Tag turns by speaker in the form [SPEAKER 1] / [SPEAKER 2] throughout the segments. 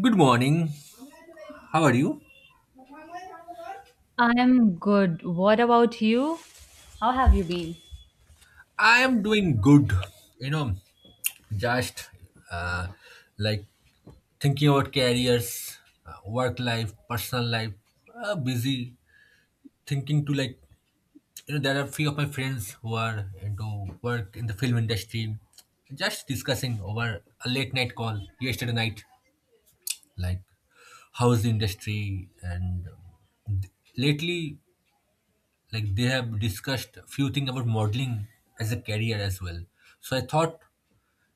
[SPEAKER 1] Good morning. How are you?
[SPEAKER 2] I'm good. What about you? How have you been?
[SPEAKER 1] I am doing good. You know, just uh, like Thinking about careers, work life, personal life, busy thinking to there are few of my friends who are into work in the film industry. Just discussing over a late night call yesterday night, like how's the industry and um, lately like they have discussed few things about modeling as a career as well. So I thought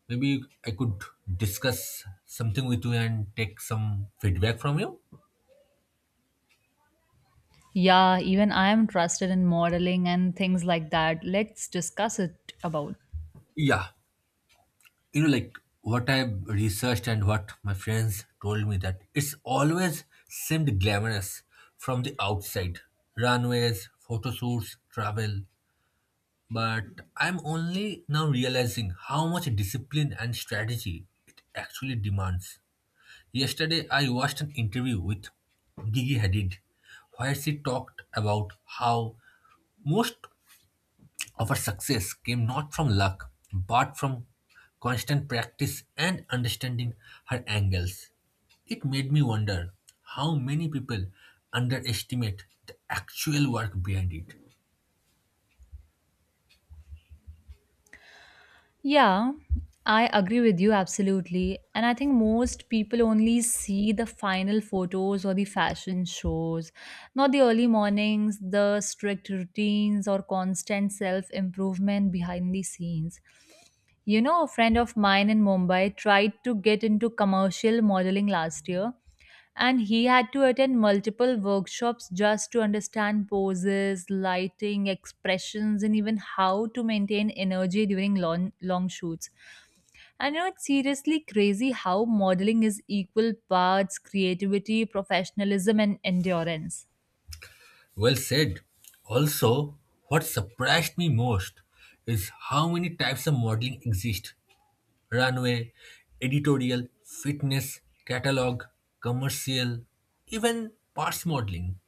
[SPEAKER 1] maybe I could discuss something with you and take some feedback from you.
[SPEAKER 2] Yeah, even I am trusted in modeling and things like that. Let's discuss it about.
[SPEAKER 1] Yeah, like what I researched and what my friends told me that it's always seemed glamorous from the outside runways, photo shoots, travel. But I'm only now realizing how much discipline and strategy it actually demands. Yesterday, I watched an interview with Gigi Hadid where she talked about how most of her success came not from luck but from constant practice and understanding her angles. It made me wonder how many people underestimate the actual work behind it.
[SPEAKER 2] Yeah, I agree with you absolutely. And I think most people only see the final photos or the fashion shows, not the early mornings, the strict routines, or constant self improvement behind the scenes. You know, a friend of mine in Mumbai tried to get into commercial modeling last year. And he had to attend multiple workshops just to understand poses, lighting, expressions, and even how to maintain energy during long, long shoots. And you know, it's seriously crazy how modeling is equal parts creativity, professionalism, and endurance.
[SPEAKER 1] Well said. Also, what surprised me most is how many types of modeling exist runway, editorial, fitness, catalog, commercial, even parts modeling.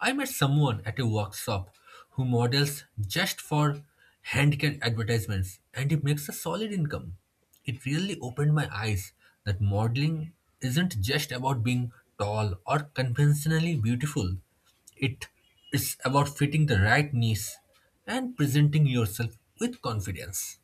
[SPEAKER 1] I met someone at a workshop who models just for handicare advertisements and he makes a solid income. It really opened my eyes that modeling isn't just about being tall or conventionally beautiful. It is about fitting the right niche and presenting yourself with confidence.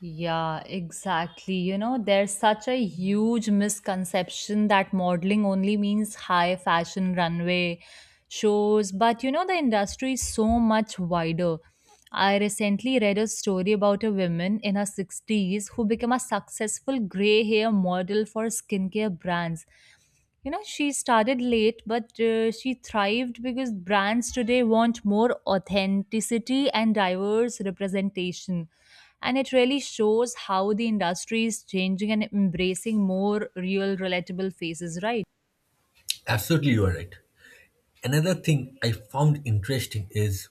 [SPEAKER 2] Yeah, exactly. You know, there's such a huge misconception that modeling only means high fashion runway shows, but you know, the industry is so much wider. I recently read a story about a woman in her 60s who became a successful gray hair model for skincare brands. You know, she started late, but she thrived because brands today want more authenticity and diverse representation. And it really shows how the industry is changing and embracing more real, relatable faces, right?
[SPEAKER 1] Absolutely, you are right. Another thing I found interesting is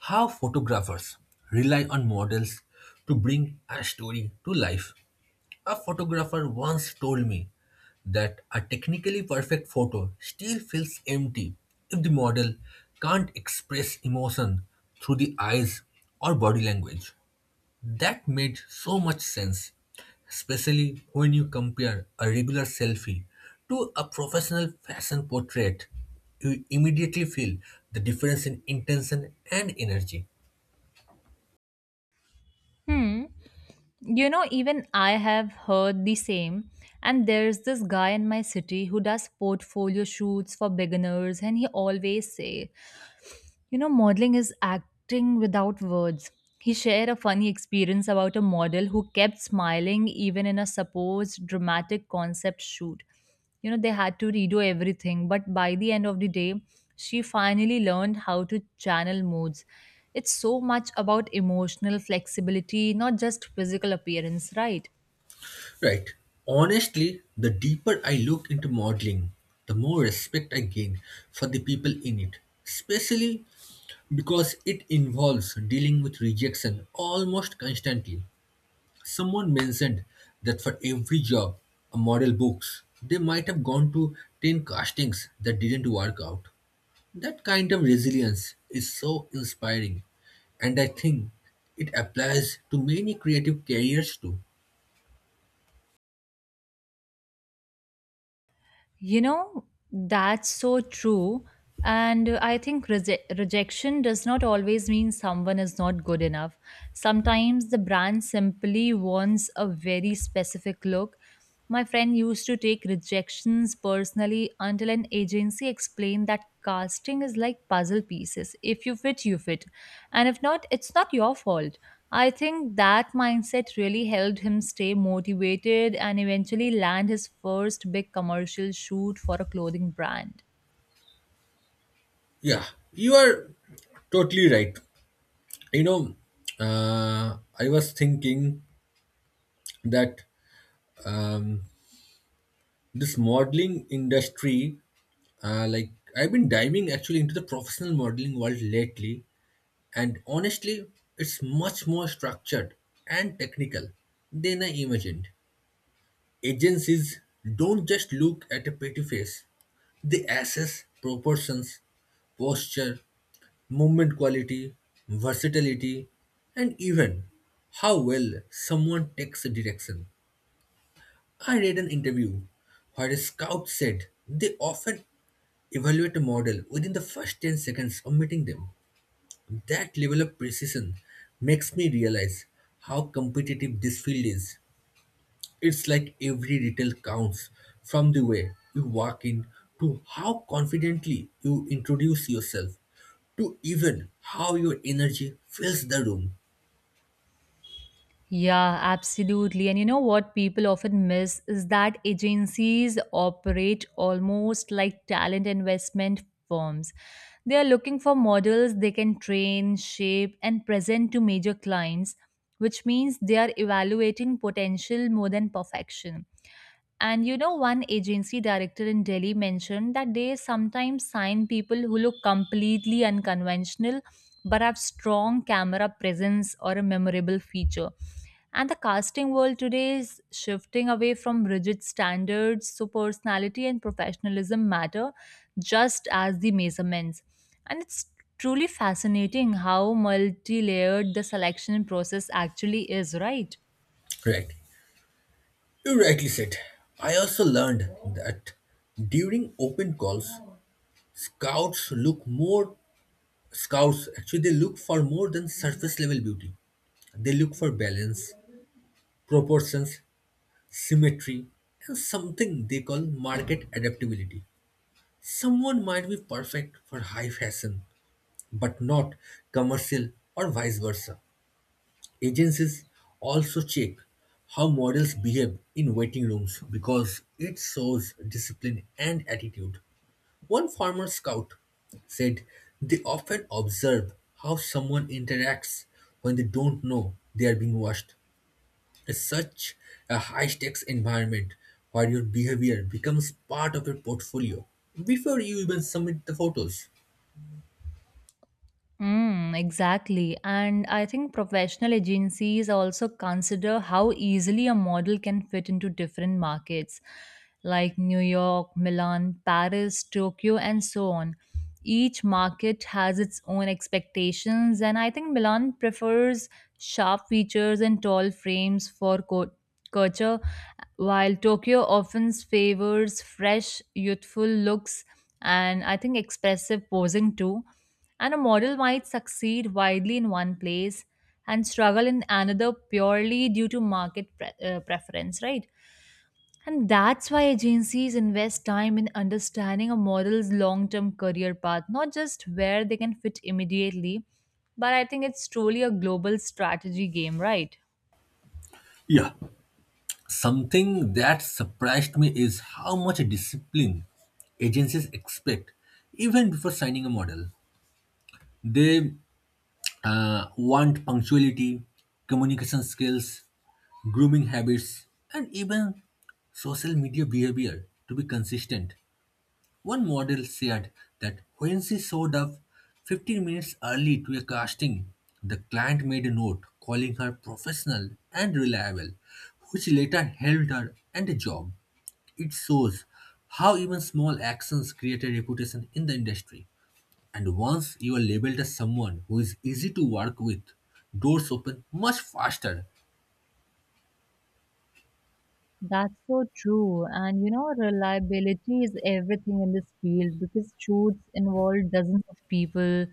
[SPEAKER 1] how photographers rely on models to bring a story to life. A photographer once told me that a technically perfect photo still feels empty if the model can't express emotion through the eyes or body language. That made so much sense, especially when you compare a regular selfie to a professional fashion portrait. You immediately feel the difference in intention and energy.
[SPEAKER 2] Hmm. You know, even I have heard the same. And there's this guy in my city who does portfolio shoots for beginners, and he always say, you know, modeling is acting without words. He shared a funny experience about a model who kept smiling even in a supposed dramatic concept shoot. You know, they had to redo everything, but by the end of the day, she finally learned how to channel moods. It's so much about emotional flexibility, not just physical appearance, right?
[SPEAKER 1] Right. Honestly, the deeper I look into modeling, the more respect I gain for the people in it, especially because it involves dealing with rejection almost constantly. Someone mentioned that for every job, a model books, they might have gone to 10 castings that didn't work out. That kind of resilience is so inspiring, and I think it applies to many creative careers too.
[SPEAKER 2] You know, that's so true. And I think rejection does not always mean someone is not good enough. Sometimes the brand simply wants a very specific look. My friend used to take rejections personally until an agency explained that casting is like puzzle pieces. If you fit, you fit. And if not, it's not your fault. I think that mindset really helped him stay motivated and eventually land his first big commercial shoot for a clothing brand.
[SPEAKER 1] Yeah, you are totally right. You know, I was thinking that um, this modeling industry, uh, like I've been diving actually into the professional modeling world lately, and honestly, it's much more structured and technical than I imagined. Agencies don't just look at a pretty face, they assess proportions, posture, movement quality, versatility, and even how well someone takes a direction. I read an interview where a scout said they often evaluate a model within the first 10 seconds of meeting them. That level of precision makes me realize how competitive this field is. It's like every detail counts, from the way you walk in to how confidently you introduce yourself to even how your energy fills the room.
[SPEAKER 2] Yeah, absolutely. And you know what people often miss is that agencies operate almost like talent investment firms. They are looking for models they can train, shape, and present to major clients, which means they are evaluating potential more than perfection. And you know, one agency director in Delhi mentioned that they sometimes sign people who look completely unconventional but have strong camera presence or a memorable feature. And the casting world today is shifting away from rigid standards, so personality and professionalism matter just as the measurements. And it's truly fascinating how multi layered the selection process actually is, right?
[SPEAKER 1] Right. You rightly said. I also learned that during open calls, scouts look more scouts actually they look for more than surface level beauty. They look for balance, proportions, symmetry, and something they call market adaptability. Someone might be perfect for high fashion, but not commercial or vice versa. Agencies also check how models behave in waiting rooms because it shows discipline and attitude. One former scout said they often observe how someone interacts when they don't know they are being watched. It's such a high stakes environment where your behavior becomes part of your portfolio before you even submit the photos.
[SPEAKER 2] Exactly. And I think professional agencies also consider how easily a model can fit into different markets like New York, Milan, Paris, Tokyo, and so on. Each market has its own expectations, and I think Milan prefers sharp features and tall frames for culture, while Tokyo often favors fresh, youthful looks, and I think expressive posing too, and a model might succeed widely in one place and struggle in another purely due to market preference, right? And that's why agencies invest time in understanding a model's long term career path, not just where they can fit immediately, but I think it's truly a global strategy game, right?
[SPEAKER 1] Yeah. Something that surprised me is how much discipline agencies expect even before signing a model. They want punctuality, communication skills, grooming habits, and even social media behavior to be consistent. One model said that when she showed up 15 minutes early to a casting, the client made a note calling her professional and reliable, which later helped her and a job. It shows how even small actions create a reputation in the industry. And once you are labeled as someone who is easy to work with, doors open much faster.
[SPEAKER 2] That's so true. And you know, reliability is everything in this field because shoots involve dozens of people: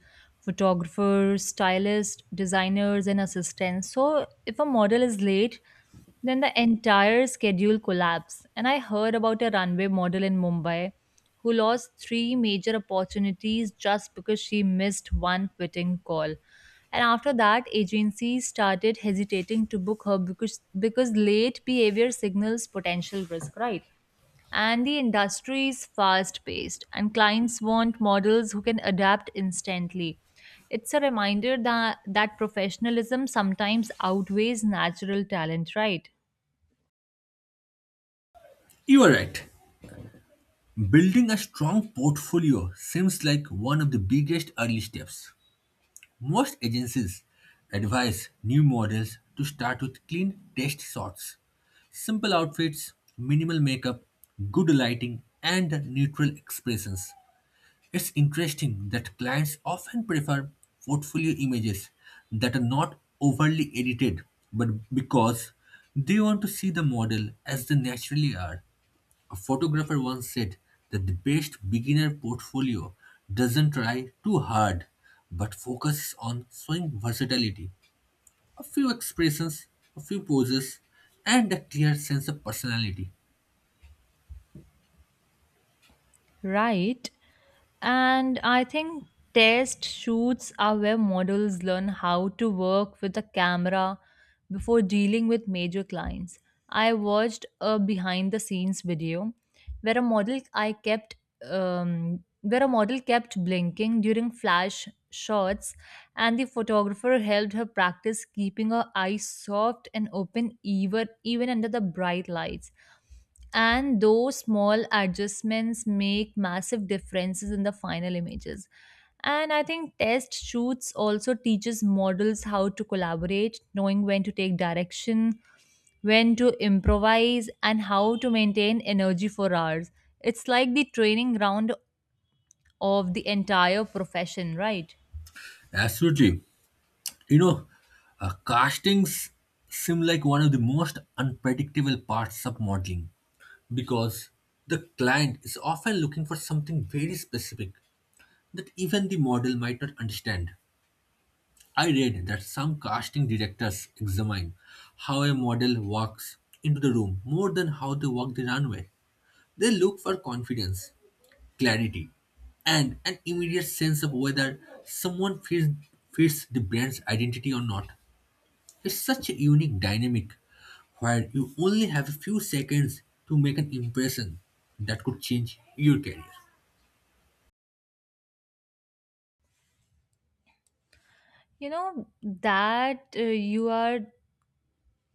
[SPEAKER 2] photographers, stylists, designers, and assistants. So, if a model is late, then the entire schedule collapsed. And I heard about a runway model in Mumbai who lost 3 major opportunities just because she missed 1 fitting call. And after that, agencies started hesitating to book her because late behavior signals potential risk, right? And the industry is fast paced and clients want models who can adapt instantly. It's a reminder that professionalism sometimes outweighs natural talent, right?
[SPEAKER 1] You are right. Building a strong portfolio seems like one of the biggest early steps. Most agencies advise new models to start with clean test shots, simple outfits, minimal makeup, good lighting, and neutral expressions. It's interesting that clients often prefer portfolio images that are not overly edited, but because they want to see the model as they naturally are. A photographer once said that the best beginner portfolio doesn't try too hard but focuses on showing versatility, a few expressions, a few poses, and a clear sense of personality.
[SPEAKER 2] Right. And I think test shoots are where models learn how to work with a camera before dealing with major clients. I watched a behind the scenes video where a model I kept where a model kept blinking during flash shots, and the photographer helped her practice keeping her eyes soft and open, even under the bright lights. And those small adjustments make massive differences in the final images. And I think test shoots also teaches models how to collaborate, knowing when to take direction, when to improvise, and how to maintain energy for hours. It's like the training ground of the entire profession, right?
[SPEAKER 1] Absolutely. You know, Castings seem like one of the most unpredictable parts of modeling because the client is often looking for something very specific that even the model might not understand. I read that some casting directors examine how a model walks into the room more than how they walk the runway. They look for confidence, clarity, and an immediate sense of whether someone fits the brand's identity or not. It's such a unique dynamic where you only have a few seconds to make an impression that could change your career.
[SPEAKER 2] You know that, you are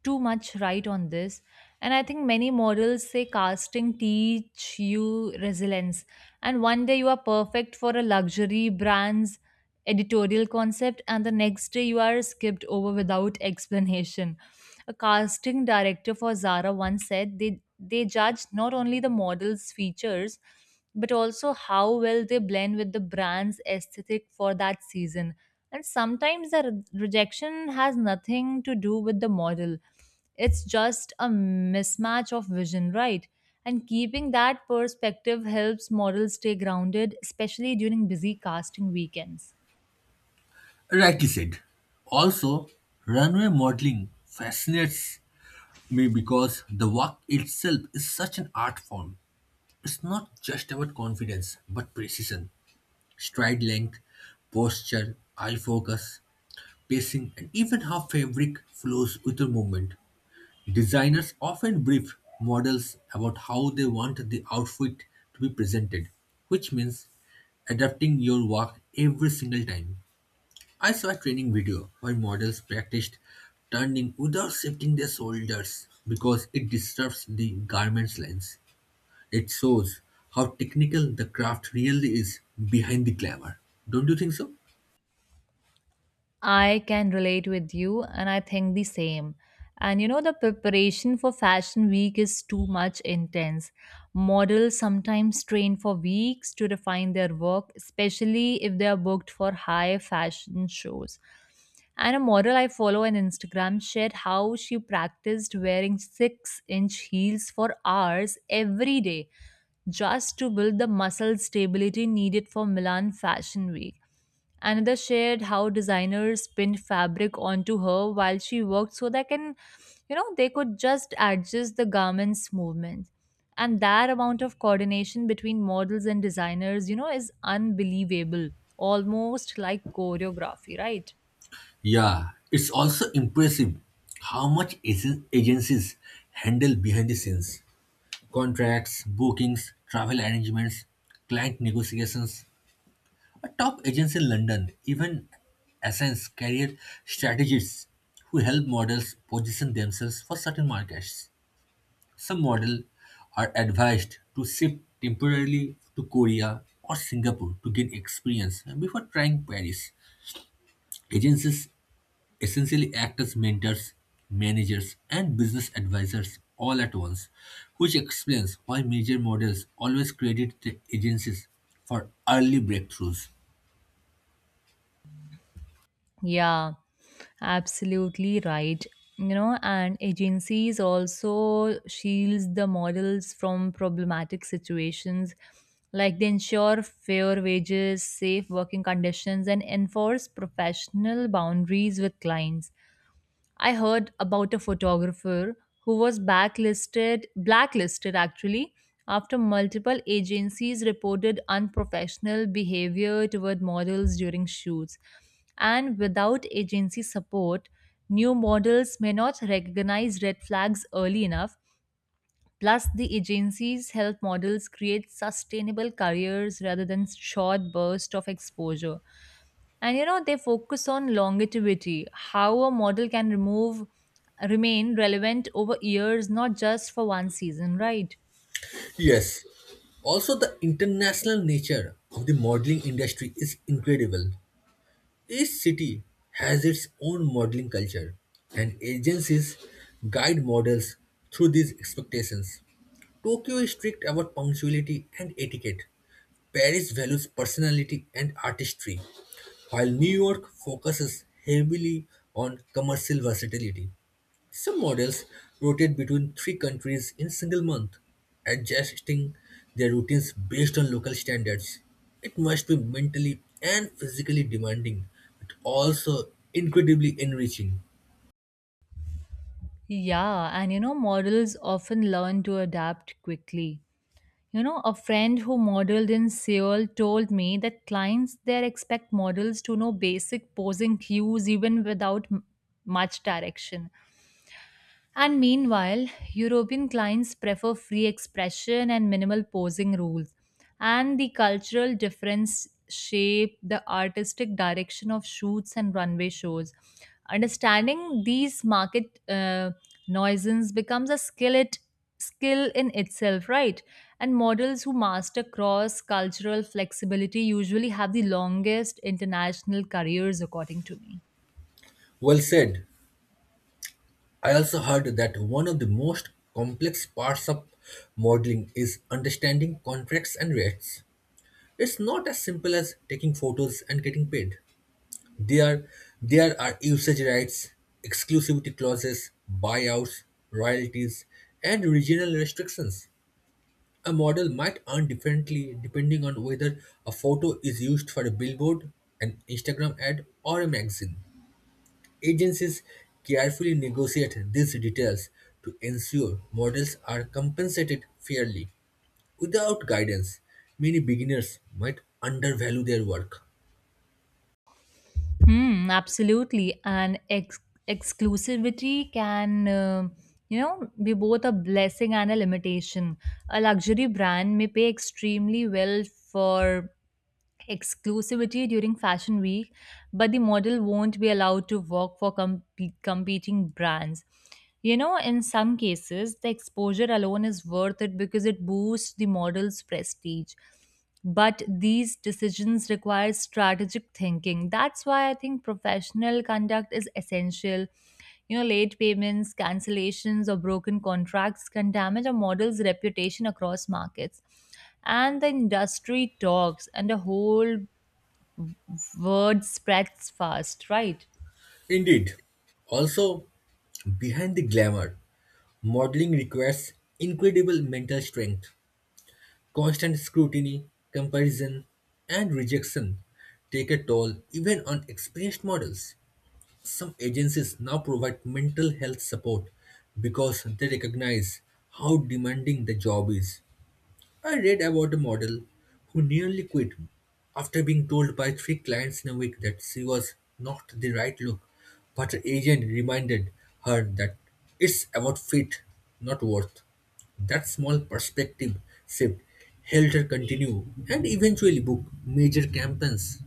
[SPEAKER 2] too much right on this. And I think many models say casting teach you resilience, and one day you are perfect for a luxury brand's editorial concept and the next day you are skipped over without explanation. A casting director for Zara once said they judge not only the model's features but also how well they blend with the brand's aesthetic for that season. And sometimes the rejection has nothing to do with the model. It's just a mismatch of vision, right? And keeping that perspective helps models stay grounded, especially during busy casting weekends.
[SPEAKER 1] Rightly said. Also, runway modeling fascinates me because the work itself is such an art form. It's not just about confidence, but precision, stride length, posture, eye focus, pacing, and even how fabric flows with your movement. Designers often brief models about how they want the outfit to be presented, which means adapting your work every single time. I saw a training video where models practiced turning without shifting their shoulders because it disturbs the garment's lines. It shows how technical the craft really is behind the glamour. Don't you think so?
[SPEAKER 2] I can relate with you, and I think the same. And you know, the preparation for Fashion Week is too much intense. Models sometimes train for weeks to refine their work, especially if they are booked for high fashion shows. And a model I follow on Instagram shared how she practiced wearing 6-inch inch heels for hours every day just to build the muscle stability needed for Milan Fashion Week. Another shared how designers pinned fabric onto her while she worked so they can, you know, they could just adjust the garment's movement. And that amount of coordination between models and designers, you know, is unbelievable, almost like choreography, right?
[SPEAKER 1] Yeah, it's also impressive how much agencies handle behind the scenes contracts, bookings, travel arrangements, client negotiations. A top agency in London, even assigns career strategists who help models position themselves for certain markets. Some models are advised to shift temporarily to Korea or Singapore to gain experience before trying Paris. Agencies essentially act as mentors, managers, and business advisors all at once, which explains why major models always credit the agencies for early breakthroughs.
[SPEAKER 2] Yeah, absolutely right. You know, and agencies also shields the models from problematic situations, like they ensure fair wages, safe working conditions, and enforce professional boundaries with clients. I heard about a photographer who was blacklisted actually, after multiple agencies reported unprofessional behavior toward models during shoots. And without agency support, new models may not recognize red flags early enough. Plus, the agency's health models create sustainable careers rather than short bursts of exposure. And you know, they focus on longevity, how a model can remove remain relevant over years, not just for one season, right?
[SPEAKER 1] Yes. Also, the international nature of the modeling industry is incredible. Each city has its own modeling culture, and agencies guide models through these expectations. Tokyo is strict about punctuality and etiquette. Paris values personality and artistry, while New York focuses heavily on commercial versatility. Some models rotate between 3 countries in a single month, adjusting their routines based on local standards. It must be mentally and physically demanding, but also incredibly enriching.
[SPEAKER 2] Yeah, and you know, models often learn to adapt quickly. You know, a friend who modeled in Seoul told me that clients there expect models to know basic posing cues even without much direction. And meanwhile, European clients prefer free expression and minimal posing rules. And the cultural difference shape the artistic direction of shoots and runway shows. Understanding these market nuisance becomes a skill in itself, right? And models who master cross cultural flexibility usually have the longest international careers, according to me.
[SPEAKER 1] Well said. I also heard that one of the most complex parts of modeling is understanding contracts and rates. It's not as simple as taking photos and getting paid. There, there are usage rights, exclusivity clauses, buyouts, royalties, and regional restrictions. A model might earn differently depending on whether a photo is used for a billboard, an Instagram ad, or a magazine. Agencies carefully negotiate these details to ensure models are compensated fairly. Without guidance, many beginners might undervalue their work.
[SPEAKER 2] Hmm, absolutely. And exclusivity can, you know, be both a blessing and a limitation. A luxury brand may pay extremely well for exclusivity during fashion week, but the model won't be allowed to work for competing brands. You know, in some cases, the exposure alone is worth it because it boosts the model's prestige. But these decisions require strategic thinking. That's why I think professional conduct is essential. You know, late payments, cancellations, or broken contracts can damage a model's reputation across markets. And the industry talks, and the whole word spreads fast, right?
[SPEAKER 1] Indeed, also behind the glamour, modeling requires incredible mental strength, constant scrutiny, comparison, and rejection take a toll even on experienced models. Some agencies now provide mental health support because they recognize how demanding the job is. I read about a model who nearly quit after being told by three clients in a week that she was not the right look, but her agent reminded her that it's about fit, not worth. That small perspective shift helped her continue and eventually book major campaigns.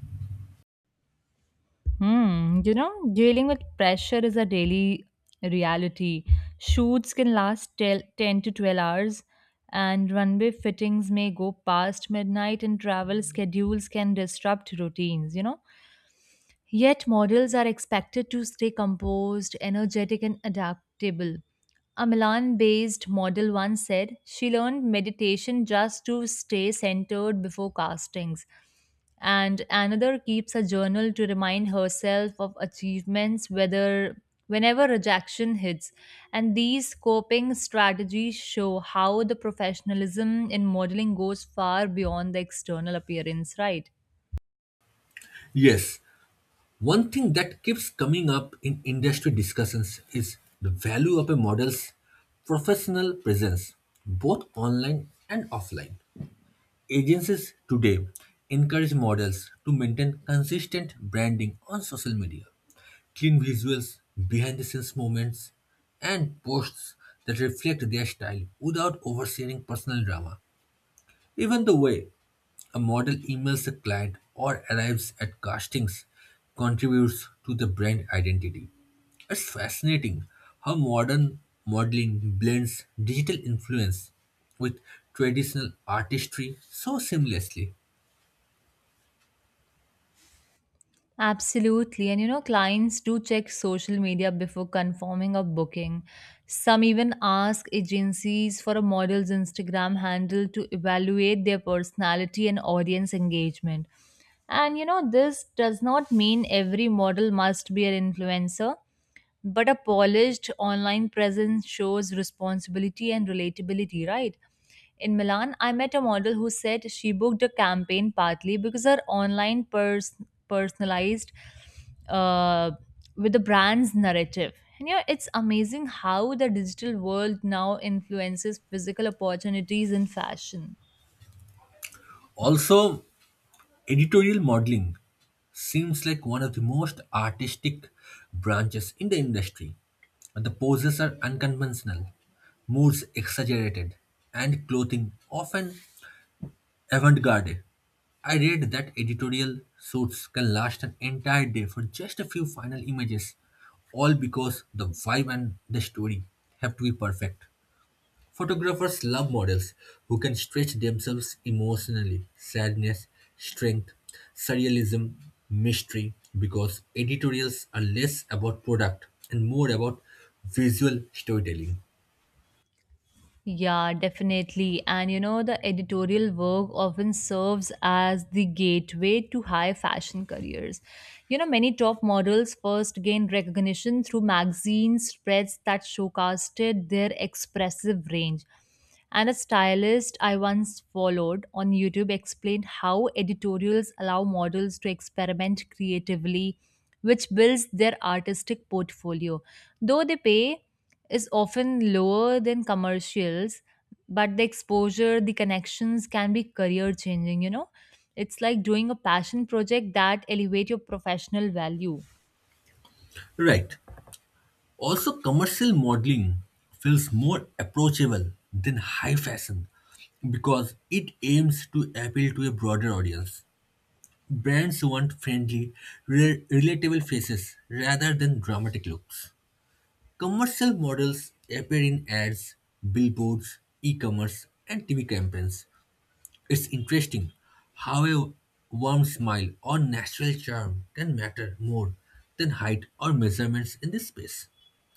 [SPEAKER 2] Hmm, you know, dealing with pressure is a daily reality. Shoots can last 10 to 12 hours, and runway fittings may go past midnight, and travel schedules can disrupt routines. You know, yet, models are expected to stay composed, energetic, and adaptable. A Milan based model once said she learned meditation just to stay centered before castings. And another keeps a journal to remind herself of achievements whether whenever rejection hits. And these coping strategies show how the professionalism in modeling goes far beyond the external appearance, right?
[SPEAKER 1] Yes, one thing that keeps coming up in industry discussions is the value of a model's professional presence, both online and offline. Agencies today encourage models to maintain consistent branding on social media, clean visuals, behind the scenes moments, and posts that reflect their style without oversharing personal drama. Even the way a model emails a client or arrives at castings contributes to the brand identity. It's fascinating how modern modeling blends digital influence with traditional artistry so seamlessly.
[SPEAKER 2] Absolutely. And you know, clients do check social media before confirming a booking. Some even ask agencies for a model's Instagram handle to evaluate their personality and audience engagement. And you know, this does not mean every model must be an influencer. But a polished online presence shows responsibility and relatability, right? In Milan, I met a model who said she booked a campaign partly because her online personalized uh, with the brand's narrative. And yeah, it's amazing how the digital world now influences physical opportunities in fashion.
[SPEAKER 1] Also, editorial modeling seems like one of the most artistic branches in the industry. The poses are unconventional, moods exaggerated, and clothing often avant garde. I read that editorial suits can last an entire day for just a few final images, all because the vibe and the story have to be perfect. Photographers love models who can stretch themselves emotionally sadness, strength, surrealism, mystery because editorials are less about product and more about visual storytelling.
[SPEAKER 2] Yeah, definitely. And you know, the editorial work often serves as the gateway to high fashion careers. You know, many top models first gained recognition through magazine spreads that showcased their expressive range. And a stylist I once followed on YouTube explained how editorials allow models to experiment creatively, which builds their artistic portfolio. Though they pay is often lower than commercials, but the exposure, the connections can be career changing, you know? It's like doing a passion project that elevate your professional value.
[SPEAKER 1] Right. Also, commercial modeling feels more approachable than high fashion because it aims to appeal to a broader audience. Brands want friendly, relatable faces rather than dramatic looks. Commercial models appear in ads, billboards, e-commerce, and TV campaigns. It's interesting how a warm smile or natural charm can matter more than height or measurements in this space.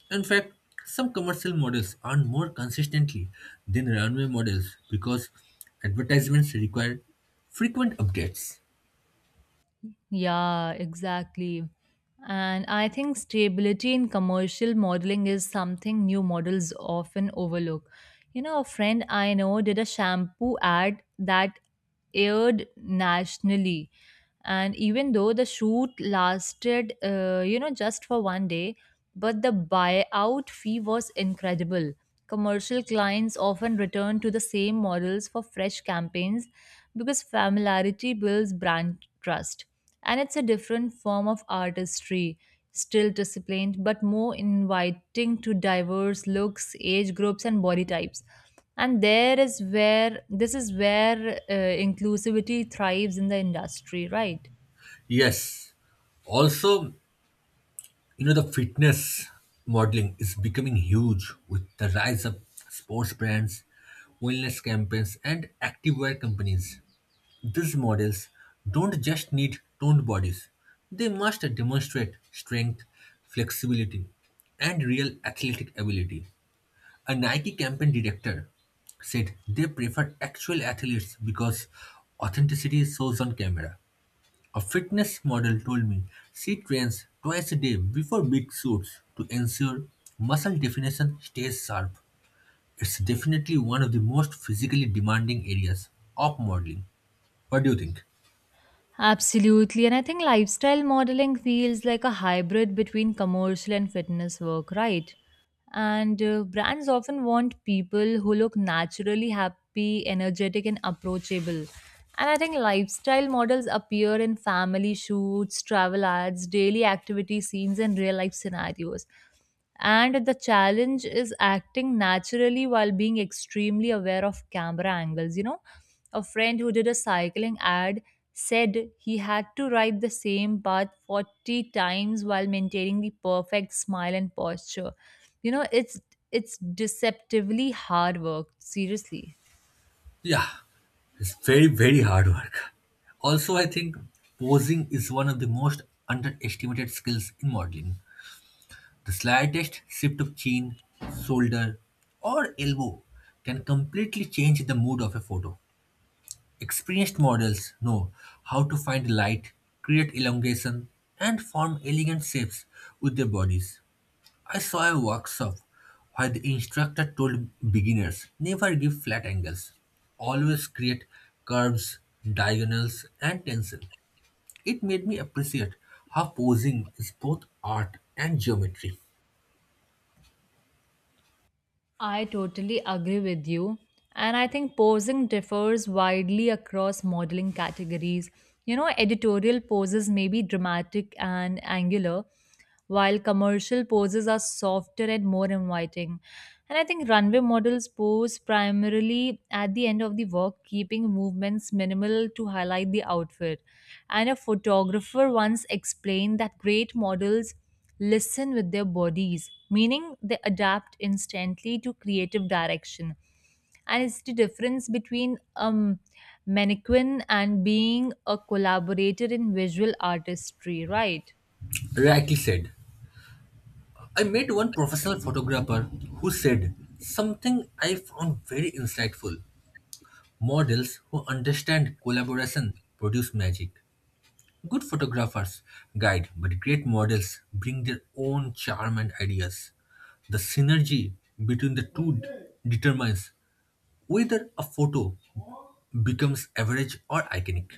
[SPEAKER 1] In fact, some commercial models earn more consistently than runway models because advertisements require frequent updates.
[SPEAKER 2] Yeah, exactly. And I think stability in commercial modeling is something new models often overlook. You know, a friend I know did a shampoo ad that aired nationally. And even though the shoot lasted, just for one day, but the buyout fee was incredible. Commercial clients often return to the same models for fresh campaigns because familiarity builds brand trust. And it's a different form of artistry, still disciplined, but more inviting to diverse looks, age groups, and body types. And there is where this is where inclusivity thrives in the industry, right?
[SPEAKER 1] Yes, also the fitness modeling is becoming huge with the rise of sports brands, wellness campaigns, and activewear companies. These models don't just need toned bodies, they must demonstrate strength, flexibility, and real athletic ability. A Nike campaign director said they prefer actual athletes because authenticity shows on camera. A fitness model told me she trains twice a day before big shoots to ensure muscle definition stays sharp. It's definitely one of the most physically demanding areas of modeling. What do you think?
[SPEAKER 2] Absolutely. And I think lifestyle modeling feels like a hybrid between commercial and fitness work, right? And brands often want people who look naturally happy, energetic, and approachable. And I think lifestyle models appear in family shoots, travel ads, daily activity scenes, and real life scenarios. And the challenge is acting naturally while being extremely aware of camera angles. You know, a friend who did a cycling ad said he had to ride the same path 40 times while maintaining the perfect smile and posture. You know, it's deceptively hard work, seriously.
[SPEAKER 1] Yeah, it's very, very hard work. Also, I think posing is one of the most underestimated skills in modeling. The slightest shift of chin, shoulder, or elbow can completely change the mood of a photo. Experienced models know how to find light, create elongation, and form elegant shapes with their bodies. I saw a workshop where the instructor told beginners never give flat angles, always create curves, diagonals, and tension. It made me appreciate how posing is both art and geometry.
[SPEAKER 2] I totally agree with you. And I think posing differs widely across modeling categories. You know, editorial poses may be dramatic and angular, while commercial poses are softer and more inviting. And I think runway models pose primarily at the end of the work, keeping movements minimal to highlight the outfit. And a photographer once explained that great models listen with their bodies, meaning they adapt instantly to creative direction. And it's the difference between mannequin and being a collaborator in visual artistry, right?
[SPEAKER 1] Rightly said. I met one professional photographer who said something I found very insightful. Models who understand collaboration produce magic. Good photographers guide, but great models bring their own charm and ideas. The synergy between the two determines whether a photo becomes average or iconic.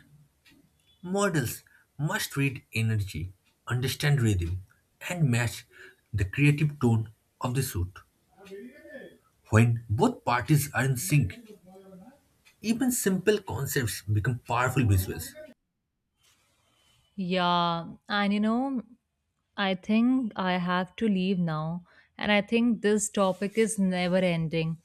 [SPEAKER 1] Models must read energy, understand rhythm, and match the creative tone of the shoot. When both parties are in sync, even simple concepts become powerful visuals.
[SPEAKER 2] Yeah, and you know, I think I have to leave now. And I think this topic is never ending.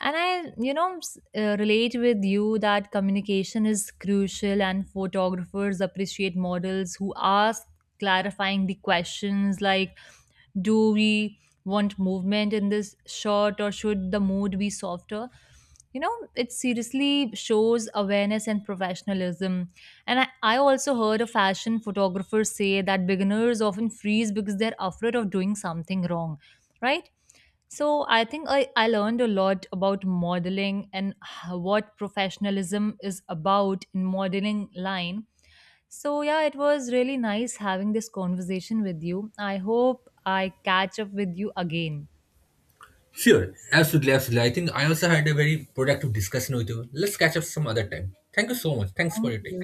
[SPEAKER 2] And I, you know, relate with you that communication is crucial, and photographers appreciate models who ask clarifying the questions like, do we want movement in this shot or should the mood be softer? You know, it seriously shows awareness and professionalism. And I also heard a fashion photographer say that beginners often freeze because they're afraid of doing something wrong, right? So I think I learned a lot about modeling and what professionalism is about in modeling line. So yeah, it was really nice having this conversation with you. I hope I catch up with you again.
[SPEAKER 1] Sure, absolutely, absolutely. I think I also had a very productive discussion with you. Let's catch up some other time. Thank you so much. Thanks for your time.